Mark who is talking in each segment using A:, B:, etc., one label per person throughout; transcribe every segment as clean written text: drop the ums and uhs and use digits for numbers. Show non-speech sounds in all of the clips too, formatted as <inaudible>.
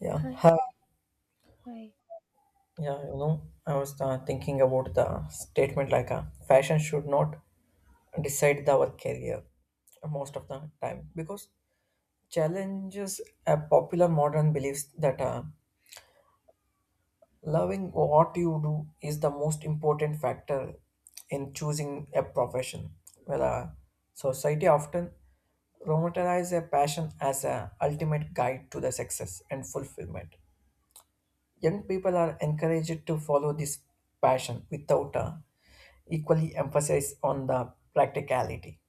A: Yeah,
B: Hi,
A: ha-
B: hi.
A: yeah, I was thinking about the statement like fashion should not decide our career most of the time because challenges a popular modern beliefs that loving what you do is the most important factor in choosing a profession. Well, society often romanticize a passion as a ultimate guide to the success and fulfillment. Young people are encouraged to follow this passion without equally emphasis on the practicality.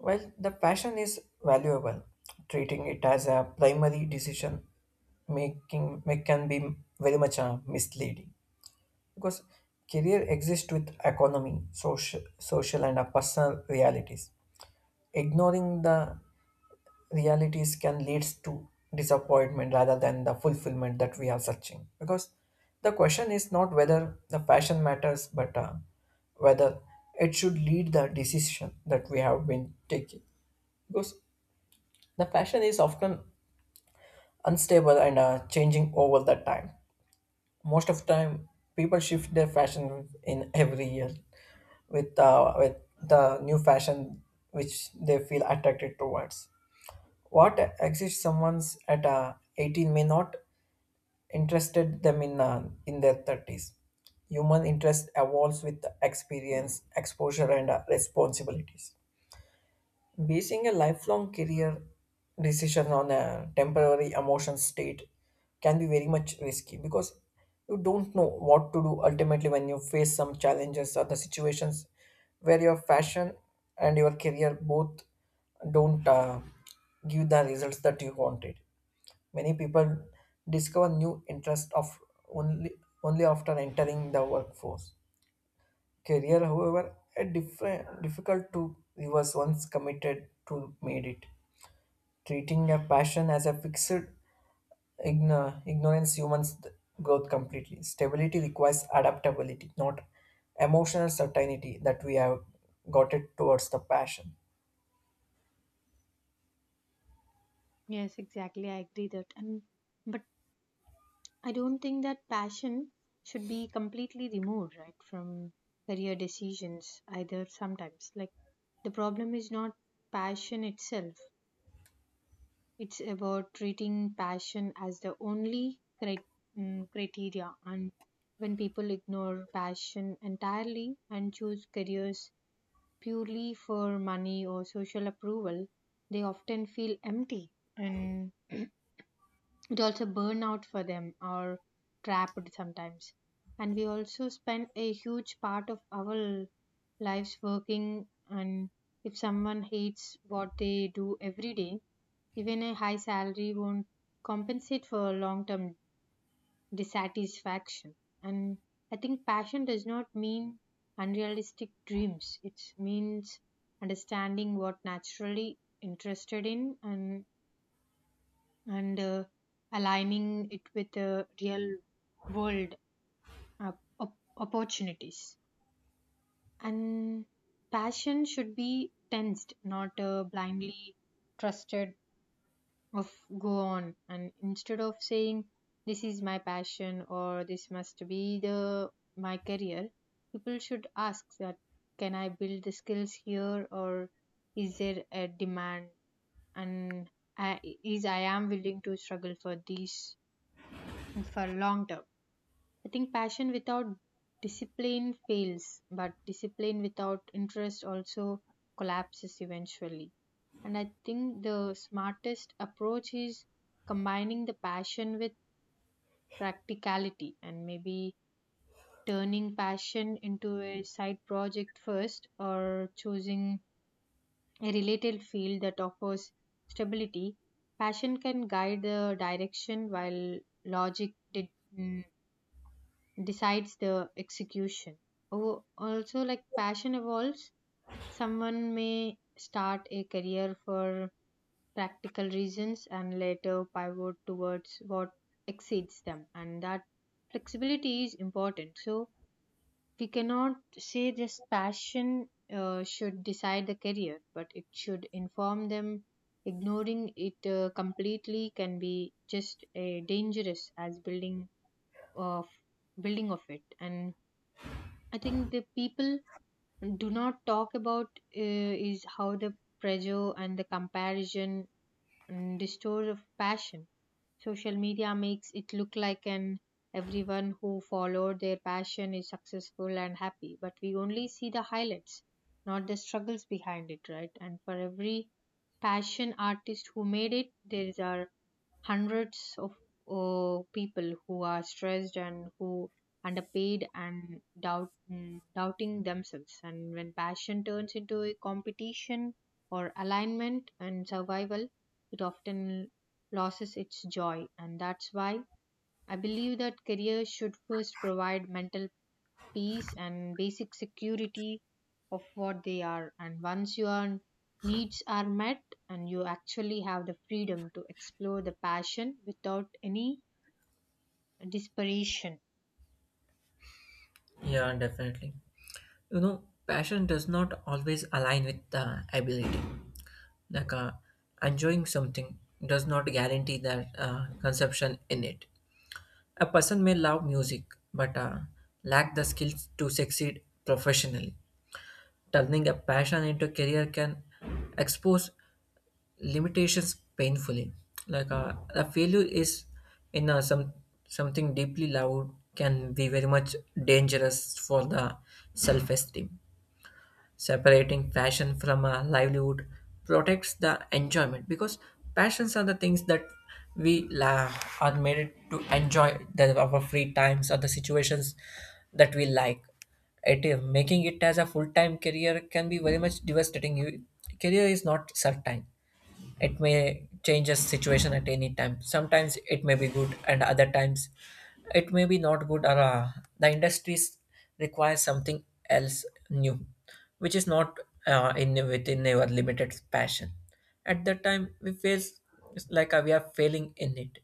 A: Well, the passion is valuable, treating it as a primary decision making make can be very much misleading because career exists with economy, social and personal realities. Ignoring the realities can lead to disappointment rather than the fulfillment that we are searching. Because the question is not whether the fashion matters, but whether it should lead the decision that we have been taking. Because the fashion is often unstable and changing over the time. Most of the time, people shift their fashion in every year with the new fashion which they feel attracted towards. What exists someone's at 18 may not interested them in their 30s. Human interest evolves with experience, exposure, and responsibilities. Basing a lifelong career decision on a temporary emotion state can be very much risky because you don't know what to do ultimately when you face some challenges or the situations where your fashion and your career both don't give the results that you wanted. Many people discover new interests of only only after entering the workforce. Career, however, a different difficult to reverse once committed to made it. Treating a passion as a fixed ignorance humans growth completely. Stability requires adaptability, not emotional certainty that we have got it towards the passion.
B: Yes, exactly. I agree that. And but I don't think that passion should be completely removed, right, from career decisions either sometimes. Like, the problem is not passion itself. It's about treating passion as the only criteria. And when people ignore passion entirely and choose careers purely for money or social approval, they often feel empty and <clears throat> it also burn out for them or trapped sometimes, and we also spend a huge part of our lives working, and if someone hates what they do every day, even a high salary won't compensate for long term dissatisfaction. And I think passion does not mean unrealistic dreams, it means understanding what naturally interested in, and and uh, aligning it with real world opportunities. And passion should be tensed, not blindly trusted of, go on. And instead of saying this is my passion or this must be the my career, people should ask that, can I build the skills here, or is there a demand, and I am willing to struggle for these for long term. I think passion without discipline fails, but discipline without interest also collapses eventually. And I think the smartest approach is combining the passion with practicality, and maybe turning passion into a side project first, or choosing a related field that offers stability. Passion can guide the direction while logic did, decides the execution. Oh, also, like, passion evolves. Someone may start a career for practical reasons and later pivot towards what exceeds them, and that flexibility is important. So, we cannot say just passion should decide the career, but it should inform them. Ignoring it completely can be just a dangerous as of building of it. And I think the people do not talk about is how the pressure and the comparison and distort of passion. Social media makes it look like an everyone who followed their passion is successful and happy, but we only see the highlights, not the struggles behind it, right? And for every passion artist who made it, there are hundreds of people who are stressed and who underpaid and doubting themselves. And when passion turns into a competition or alignment and survival, it often loses its joy. And that's why I believe that careers should first provide mental peace and basic security of what they are, and once your needs are met, and you actually have the freedom to explore the passion without any desperation.
A: Yeah, definitely. You know, passion does not always align with the ability. Like, enjoying something does not guarantee that consumption in it. A person may love music but lack the skills to succeed professionally. Turning a passion into a career can expose limitations painfully. Like, a failure is in some something deeply loud can be very much dangerous for the self-esteem. Separating passion from a livelihood protects the enjoyment because passions are the things that we la- are made it to enjoy the, our free times or the situations that we like. It is making it as a full-time career can be very much devastating. You, career is not certain, it may change a situation at any time, sometimes it may be good and other times it may be not good or the industries require something else new which is not in within our limited passion at that time we feel like, we are failing in it.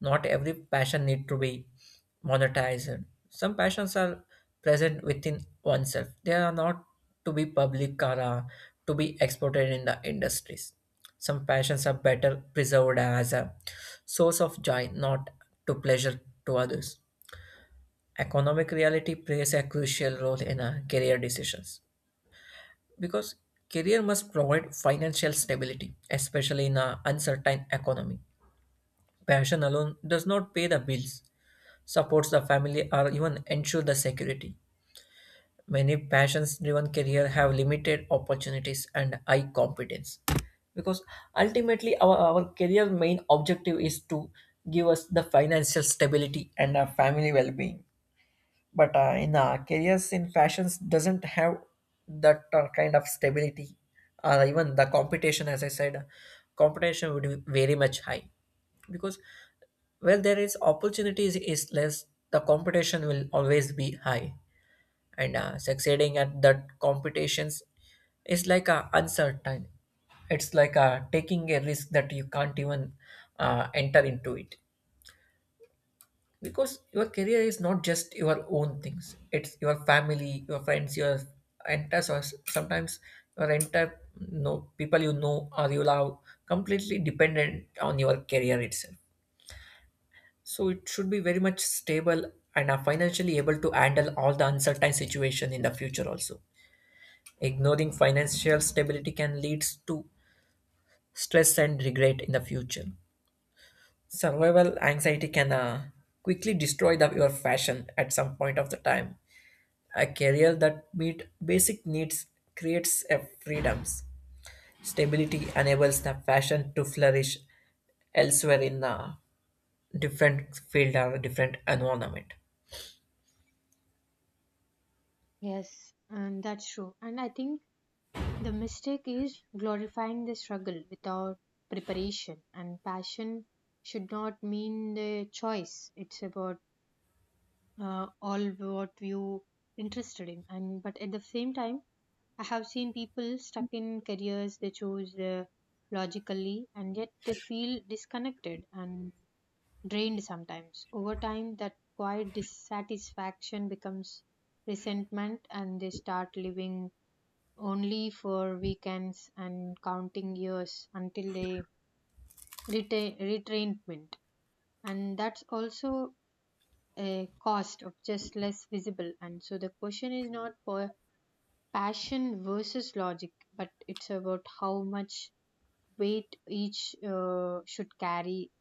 A: Not every passion need to be monetized. Some passions are present within oneself. They are not to be public or to be exported in the industries. Some passions are better preserved as a source of joy, not to pleasure to others. Economic reality plays a crucial role in career decisions because career must provide financial stability, especially in an uncertain economy. Passion alone does not pay the bills, supports the family, or even ensure the security. Many passions driven careers have limited opportunities and high competence because ultimately our career main objective is to give us the financial stability and our family well-being, but in careers in fashions doesn't have that kind of stability or even the competition. As I said, competition would be very much high because, well, there is opportunities is less, the competition will always be high, and succeeding at that competitions is like a uncertain. It's like taking a risk that you can't even enter into it because your career is not just your own things, it's your family, your friends, your sometimes your entire, no, people you know or you love completely dependent on your career itself. So it should be very much stable and are financially able to handle all the uncertain situation in the future also. Ignoring financial stability can lead to stress and regret in the future. Survival anxiety can quickly destroy the, your fashion at some point of the time. A career that meets basic needs creates a freedoms. Stability enables the fashion to flourish elsewhere in a different field or different environment.
B: Yes. And that's true, and I think the mistake is glorifying the struggle without preparation, and passion should not mean the choice, it's about all what you interested in. And but at the same time, I have seen people stuck in careers they chose logically, and yet they feel disconnected and drained sometimes. Over time, that quiet dissatisfaction becomes resentment, and they start living only for weekends and counting years until they retain retrainment. And that's also a cost of just less visible. And so the question is not for passion versus logic, but it's about how much weight each should carry,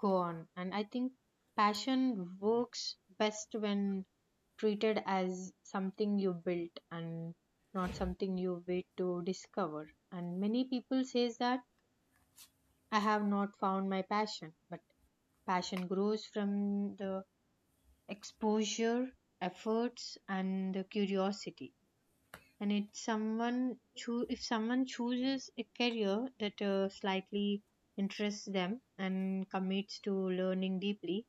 B: go on. And I think passion works best when treated as something you built and not something you wait to discover. And many people says that I have not found my passion, but passion grows from the exposure, efforts, and the curiosity. And it someone, if someone chooses a career that slightly interests them and commits to learning deeply,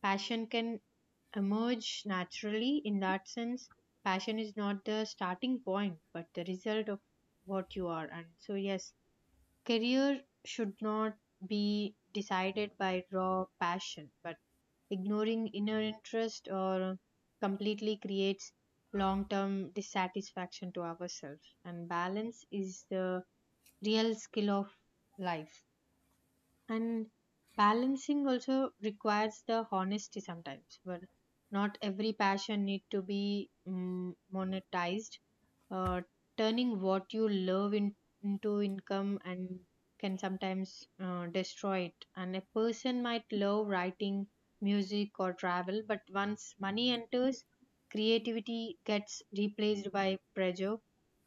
B: passion can emerge naturally. In that sense, passion is not the starting point but the result of what you are. And so, yes, career should not be decided by raw passion, but ignoring inner interest or completely creates long term dissatisfaction to ourselves. And balance is the real skill of life, and balancing also requires the honesty sometimes. But not every passion need to be monetized. uh, Turning what you love into income and can sometimes destroy it. And a person might love writing, music, or travel, but once money enters, creativity gets replaced by pressure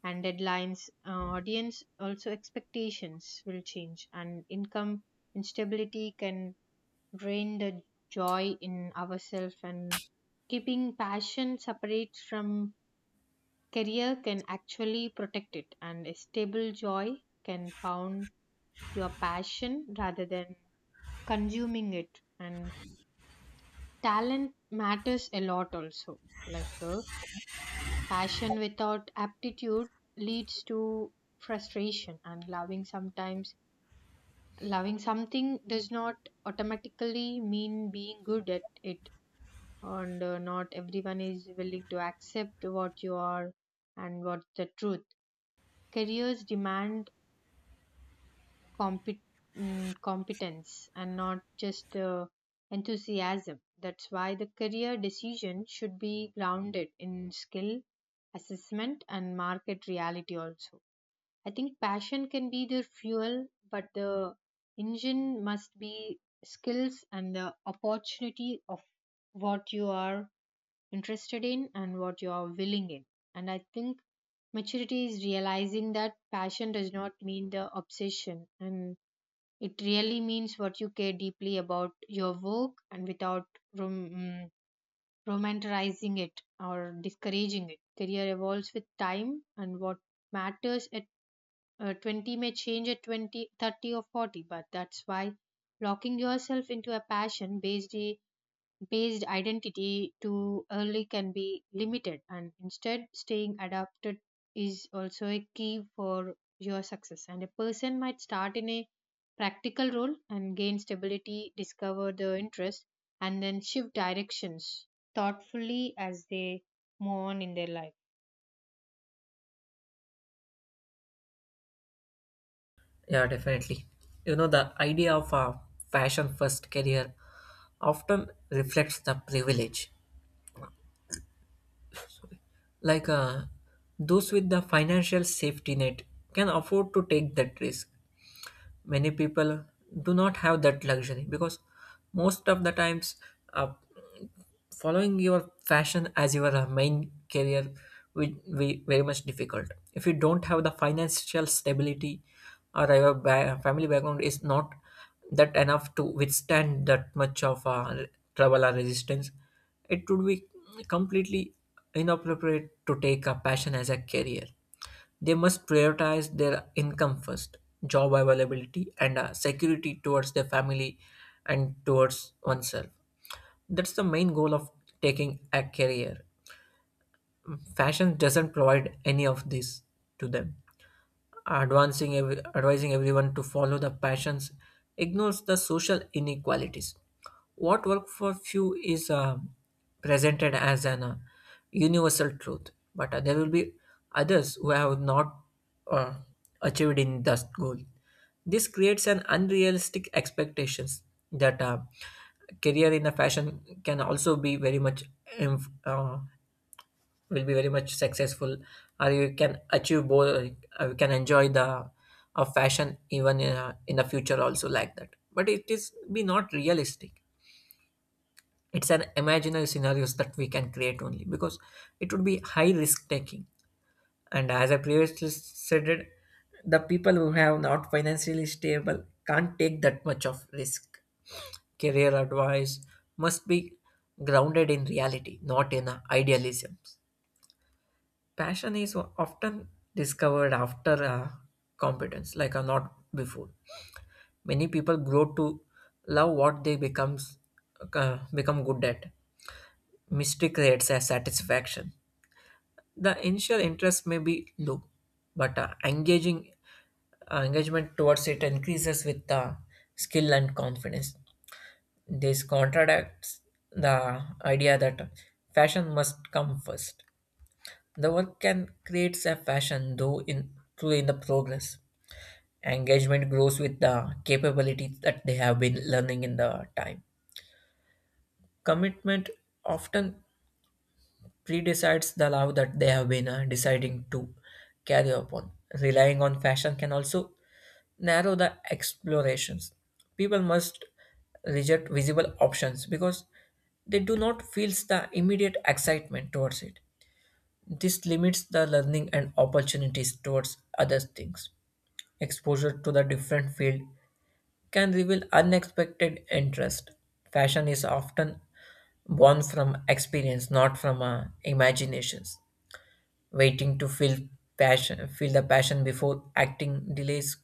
B: and deadlines. Audience also expectations will change, and income instability can drain the joy in ourselves. And keeping passion separate from career can actually protect it. And a stable joy can found your passion rather than consuming it. And talent matters a lot also. Like, passion without aptitude leads to frustration, and loving something does not automatically mean being good at it. And not everyone is willing to accept what you are and what the truth. Careers demand compet- competence and not just enthusiasm. That's why the career decision should be grounded in skill, assessment, and market reality also. I think passion can be the fuel, but the engine must be skills and the opportunity of what you are interested in and what you are willing in. And I think maturity is realizing that passion does not mean the obsession, and it really means what you care deeply about your work, and without rom- mm, romanticizing it or discouraging it. Career evolves with time, and what matters at 20 may change at 20 30 or 40. But that's why locking yourself into a passion based based identity too early can be limited, and instead staying adapted is also a key for your success. And a person might start in a practical role and gain stability, discover the interest, and then shift directions thoughtfully as they move on in their life.
A: Yeah, definitely. You know, the idea of a fashion first career often reflects the privilege. Like, those with the financial safety net can afford to take that risk. Many people do not have that luxury because most of the times a following your fashion as your main career will be very much difficult if you don't have the financial stability or your family background is not that enough to withstand that much of trouble or resistance. It would be completely inappropriate to take a passion as a career. They must prioritize their income first, job availability, and security towards their family and towards oneself. That's the main goal of taking a career. Fashion doesn't provide any of this to them. Advising everyone to follow the passions ignores the social inequalities. What work for few is presented as an universal truth, but there will be others who have not uh, achieved in that goal. This creates an unrealistic expectations that career in the fashion can also be very much inf- uh, will be very much successful or you can achieve both, you can enjoy the fashion even in the future also like that, but it is be not realistic. It's an imaginary scenarios that we can create only because it would be high risk taking, and as I previously said it, the people who have not financially stable can't take that much of risk. Career advice must be grounded in reality, not in idealism. Passion is often discovered after competence, like, not before. Many people grow to love what they becomes become good at. Mystery creates a satisfaction. The initial interest may be low, but engaging engagement towards it increases with the skill and confidence. This contradicts the idea that fashion must come first. The work can create a fashion though in through in the progress. Engagement grows with the capabilities that they have been learning in the time. Commitment often predecides the love that they have been deciding to carry upon. Relying on fashion can also narrow the explorations. People must reject visible options because they do not feel the immediate excitement towards it. This limits the learning and opportunities towards other things. Exposure to the different field can reveal unexpected interest. Fashion is often born from experience, not from imaginations. Waiting to feel the passion before acting delays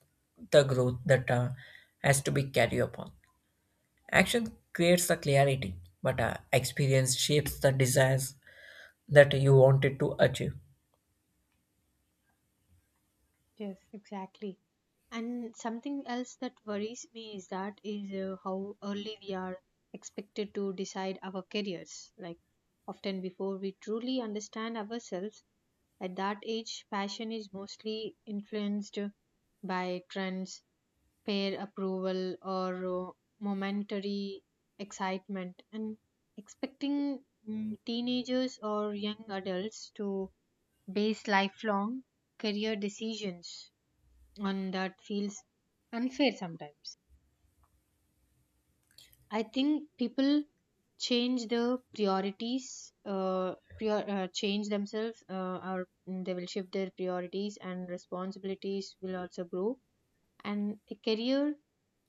A: the growth that has to be carried upon. Action creates the clarity, but experience shapes the desires that you wanted to achieve.
B: Yes, exactly. And something else that worries me is that is how early we are expected to decide our careers. Like, often before we truly understand ourselves, at that age, passion is mostly influenced by trends, peer approval, or momentary excitement. And expecting teenagers or young adults to base lifelong career decisions, and that feels unfair sometimes. I think people change their priorities, change themselves, or they will shift their priorities, and responsibilities will also grow. And a career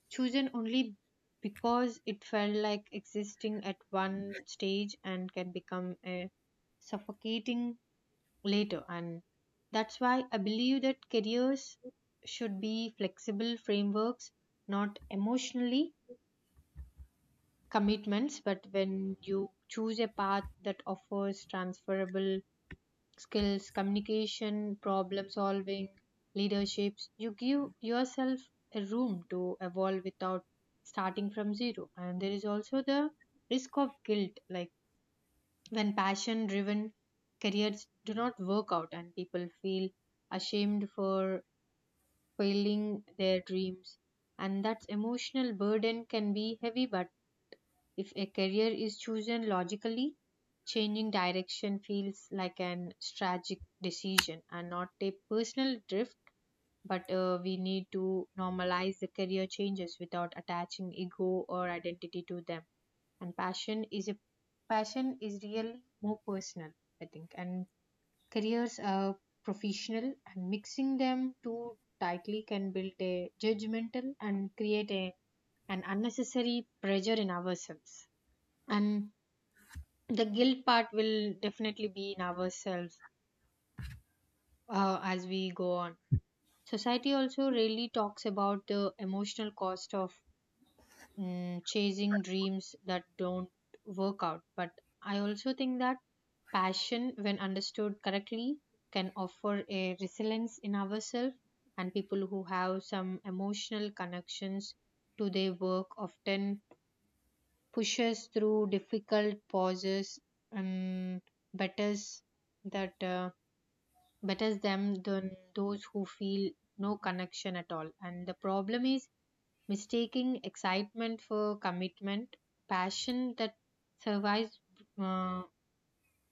B: chosen only because it felt like existing at one stage and can become a suffocating later. And that's why I believe that careers should be flexible frameworks, not emotionally commitments. But when you choose a path that offers transferable skills, communication, problem solving, leaderships, you give yourself a room to evolve without starting from zero. And there is also the risk of guilt, like when passion driven careers do not work out, and people feel ashamed for failing their dreams, and that emotional burden can be heavy. But if a career is chosen logically, changing direction feels like an strategic decision and not a personal drift. But we need to normalize the career changes without attaching ego or identity to them. And passion is really more personal, I think. And careers are professional, and mixing them too tightly can build a judgmental and create a, an unnecessary pressure in ourselves. And the guilt part will definitely be in ourselves as we go on. Society also really talks about the emotional cost of chasing dreams that don't work out. But I also think that passion, when understood correctly, can offer a resilience in ourselves, and people who have some emotional connections to their work often pushes through difficult pauses and betters that uh, betters them than those who feel no connection at all. And the problem is mistaking excitement for commitment. Passion that survives uh,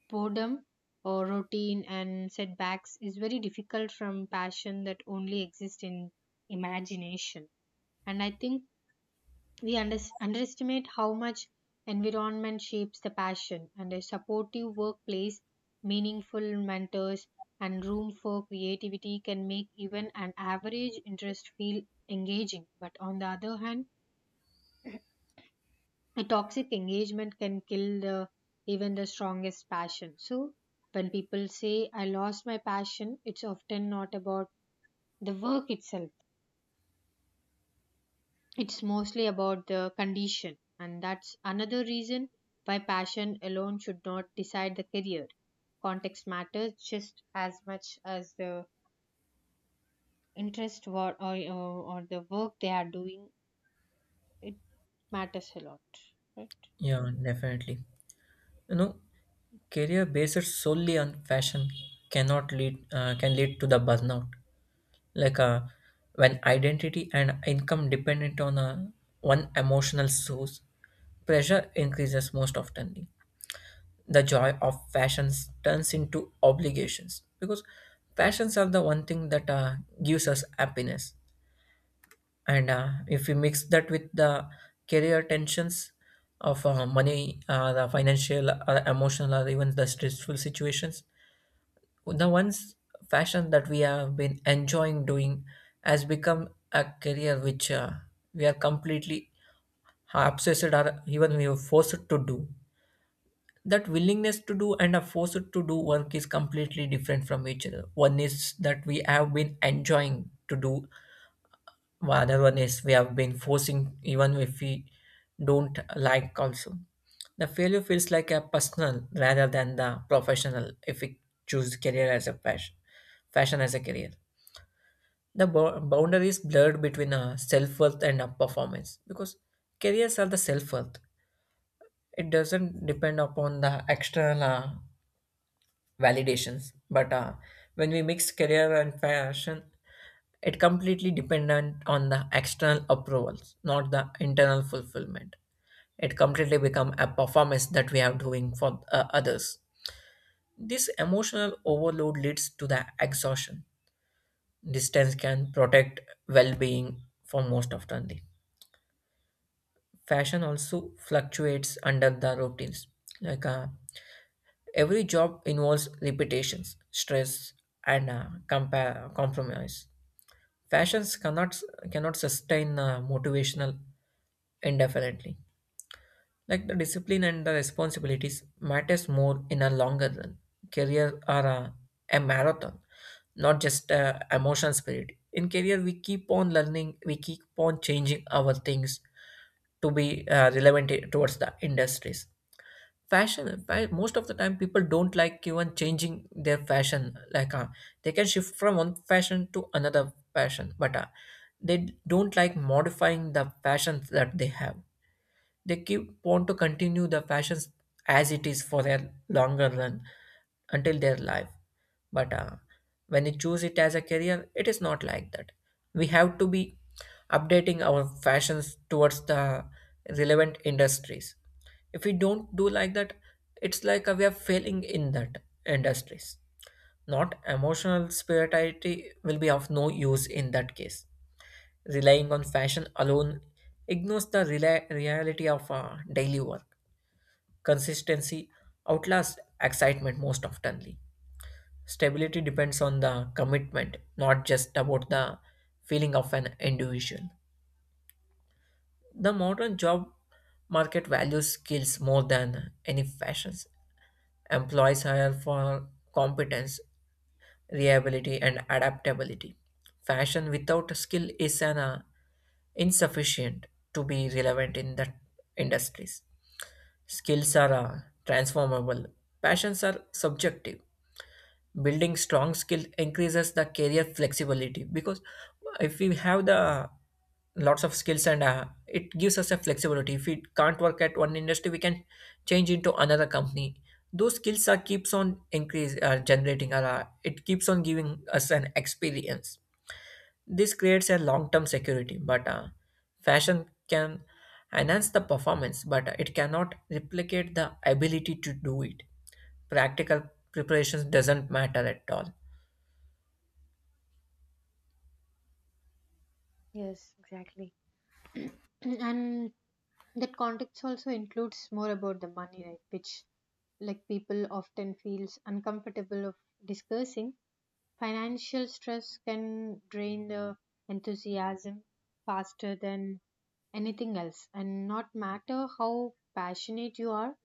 B: boredom or routine and setbacks is very difficult from passion that only exists in imagination. And I think we underestimate how much environment shapes the passion, and a supportive workplace, meaningful mentors, and room for creativity can make even an average interest feel engaging. But on the other hand, a toxic engagement can kill the even the strongest passion. So when people say I lost my passion, it's often not about the work itself, it's mostly about the condition. And that's another reason why passion alone should not decide the career. Context matters just as much as the interest, or the work they are doing. It matters a lot, right?
A: Yeah, definitely. You know, career based solely on fashion cannot lead can lead to the burnout. Like, when identity and income dependent on a one emotional source, pressure increases most often. The joy of fashions turns into obligations because fashions are the one thing that gives us happiness, and if we mix that with the career tensions of money, the financial emotional or even the stressful situations, the ones fashion that we have been enjoying doing has become a career which we are completely obsessed or even we are forced to do. That willingness to do and a forced to do work is completely different from each other. One is that we have been enjoying to do, the other one is we have been forcing even if we don't like also. The failure feels like a personal rather than the professional if we choose career as a passion, fashion as a career. The boundary is blurred between a self-worth and a performance because careers are the self-worth. It doesn't depend upon the external validations. But when we mix career and fashion, it completely dependent on the external approvals, not the internal fulfillment. It completely become a performance that we are doing for others. This emotional overload leads to the exhaustion. Distance can protect well-being for most often. Fashion also fluctuates under the routines. Like, every job involves repetitions, stress, and compromise. Fashions cannot sustain motivational indefinitely. Like the discipline and the responsibilities matters more in a longer run. Career are a marathon, not just emotional spirit. In career, we keep on learning, we keep on changing our things to be relevant towards the industries. Most of the time people don't like even changing their fashion, like they can shift from one fashion to another fashion, but they don't like modifying the fashions that they have. They keep want to continue the fashions as it is for their longer run until their life. But when you choose it as a career, it is not like that. We have to be updating our fashions towards the relevant industries. If we don't do like that, it's like we are failing in that industries. Not emotional spirituality will be of no use in that case. Relying on fashion alone ignores the reality of daily work. Consistency outlasts excitement most oftenly. Stability depends on the commitment, not just about the feeling of an individual. The modern job market values skills more than any fashions. Employees hire for competence, reliability, and adaptability. Fashion without skill is an insufficient to be relevant in the industries. Skills are transformable, passions are subjective, building strong skill increases the career flexibility because if we have the lots of skills and it gives us a flexibility. If we can't work at one industry, we can change into another company. Those skills are keeps on increase generating, or it keeps on giving us an experience. This creates a long term security, but fashion can enhance the performance, but it cannot replicate the ability to do it. Practical preparations doesn't matter at all.
B: Yes, exactly. <clears throat> And that context also includes more about the money, right, which, like, people often feels uncomfortable of discussing. Financial stress can drain the enthusiasm faster than anything else, and not matter how passionate you are,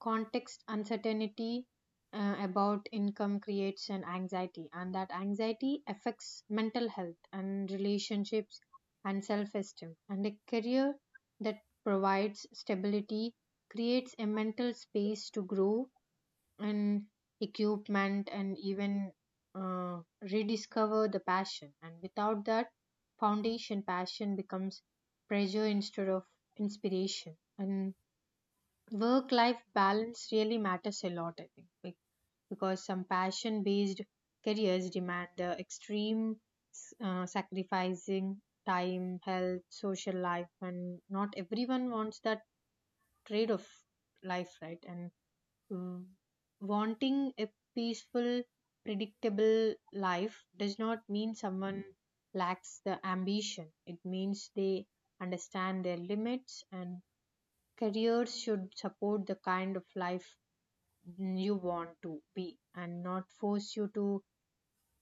B: context uncertainty about income creates an anxiety, and that anxiety affects mental health and relationships and self-esteem. And a career that provides stability creates a mental space to grow and equipment and even uh, rediscover the passion. And without that foundation, passion becomes pressure instead of inspiration. And work life balance really matters a lot, I think, because some passion based careers demand extreme sacrificing time, health, social life, and not everyone wants that trade of life, right? And mm, wanting a peaceful, predictable life does not mean someone lacks the ambition, it means they understand their limits. And careers should support the kind of life you want to be and not force you to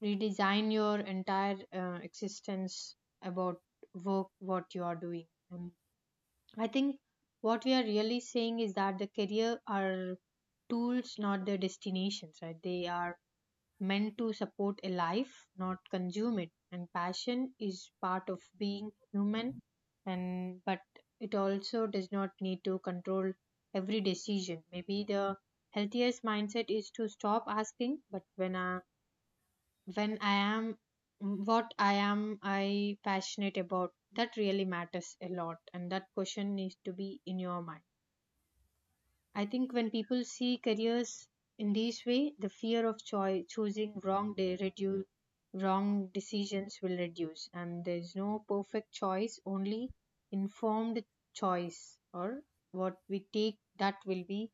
B: redesign your entire existence about work, what you are doing. And I think what we are really saying is that the career are tools, not the destinations, right? They are meant to support a life, not consume it. And passion is part of being human, and but it also does not need to control every decision. Maybe the healthiest mindset is to stop asking, but when I am what I am I passionate about, that really matters a lot, and that question needs to be in your mind. I think when people see careers in this way, the fear of choosing wrong decisions will reduce, and there's no perfect choice, only informed choice or what we take that will be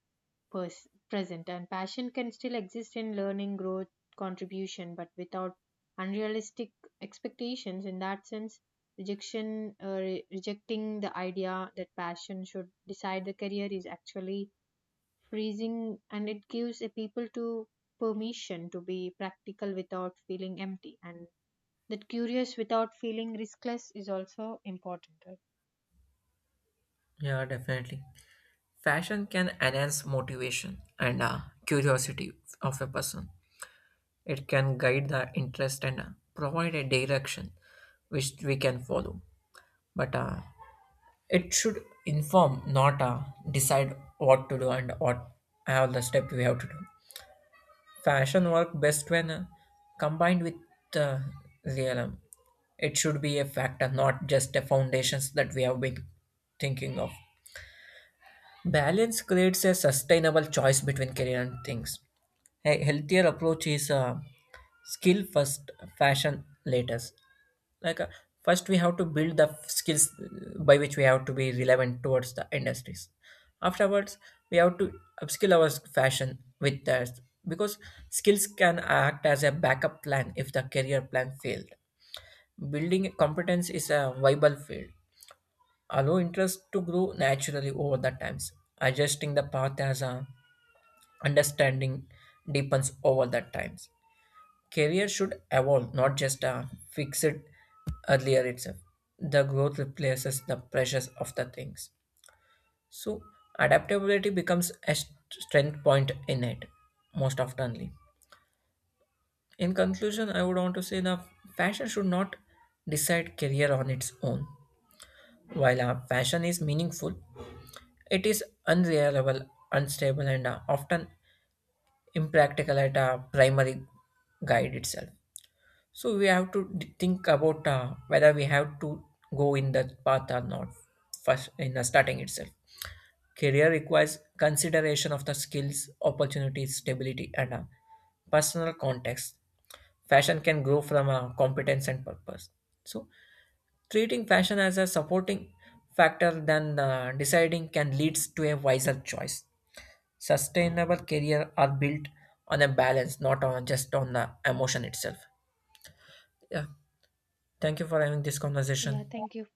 B: present. And passion can still exist in learning, growth, contribution, but without unrealistic expectations. In that sense, rejecting the idea that passion should decide the career is actually freezing, and it gives a people to permission to be practical without feeling empty, and that curious without feeling riskless is also important, right?
A: Yeah, definitely. Fashion can enhance motivation and curiosity of a person. It can guide the interest and provide a direction which we can follow. But it should inform, not decide what to do and what all the steps we have to do. Fashion work best when combined with uh, realism. It should be a factor, not just a foundations that we have been thinking of. Balance creates a sustainable choice between career and things. A healthier approach is skill first, fashion later. Like first, we have to build the skills by which we have to be relevant towards the industries. Afterwards, we have to upskill our fashion with that, because skills can act as a backup plan if the career plan failed. Building competence is a viable field, allow interest to grow naturally over the times, adjusting the path as a understanding deepens over the times. Career should evolve, not just a fix it earlier itself. The growth replaces the pressures of the things. So adaptability becomes a strength point in it, most oftenly. In conclusion, I would want to say that fashion should not decide career on its own. While a fashion is meaningful, it is unreliable, unstable, and often impractical at a primary guide itself. So we have to think about whether we have to go in that path or not first in the starting itself. Career requires consideration of the skills, opportunities, stability, and personal context. Fashion can grow from a competence and purpose. So treating fashion as a supporting factor than deciding can lead to a wiser choice. Sustainable career are built on a balance, not on just on the emotion itself. Yeah. Thank you for having this
B: Yeah,
A: conversation.
B: thank you.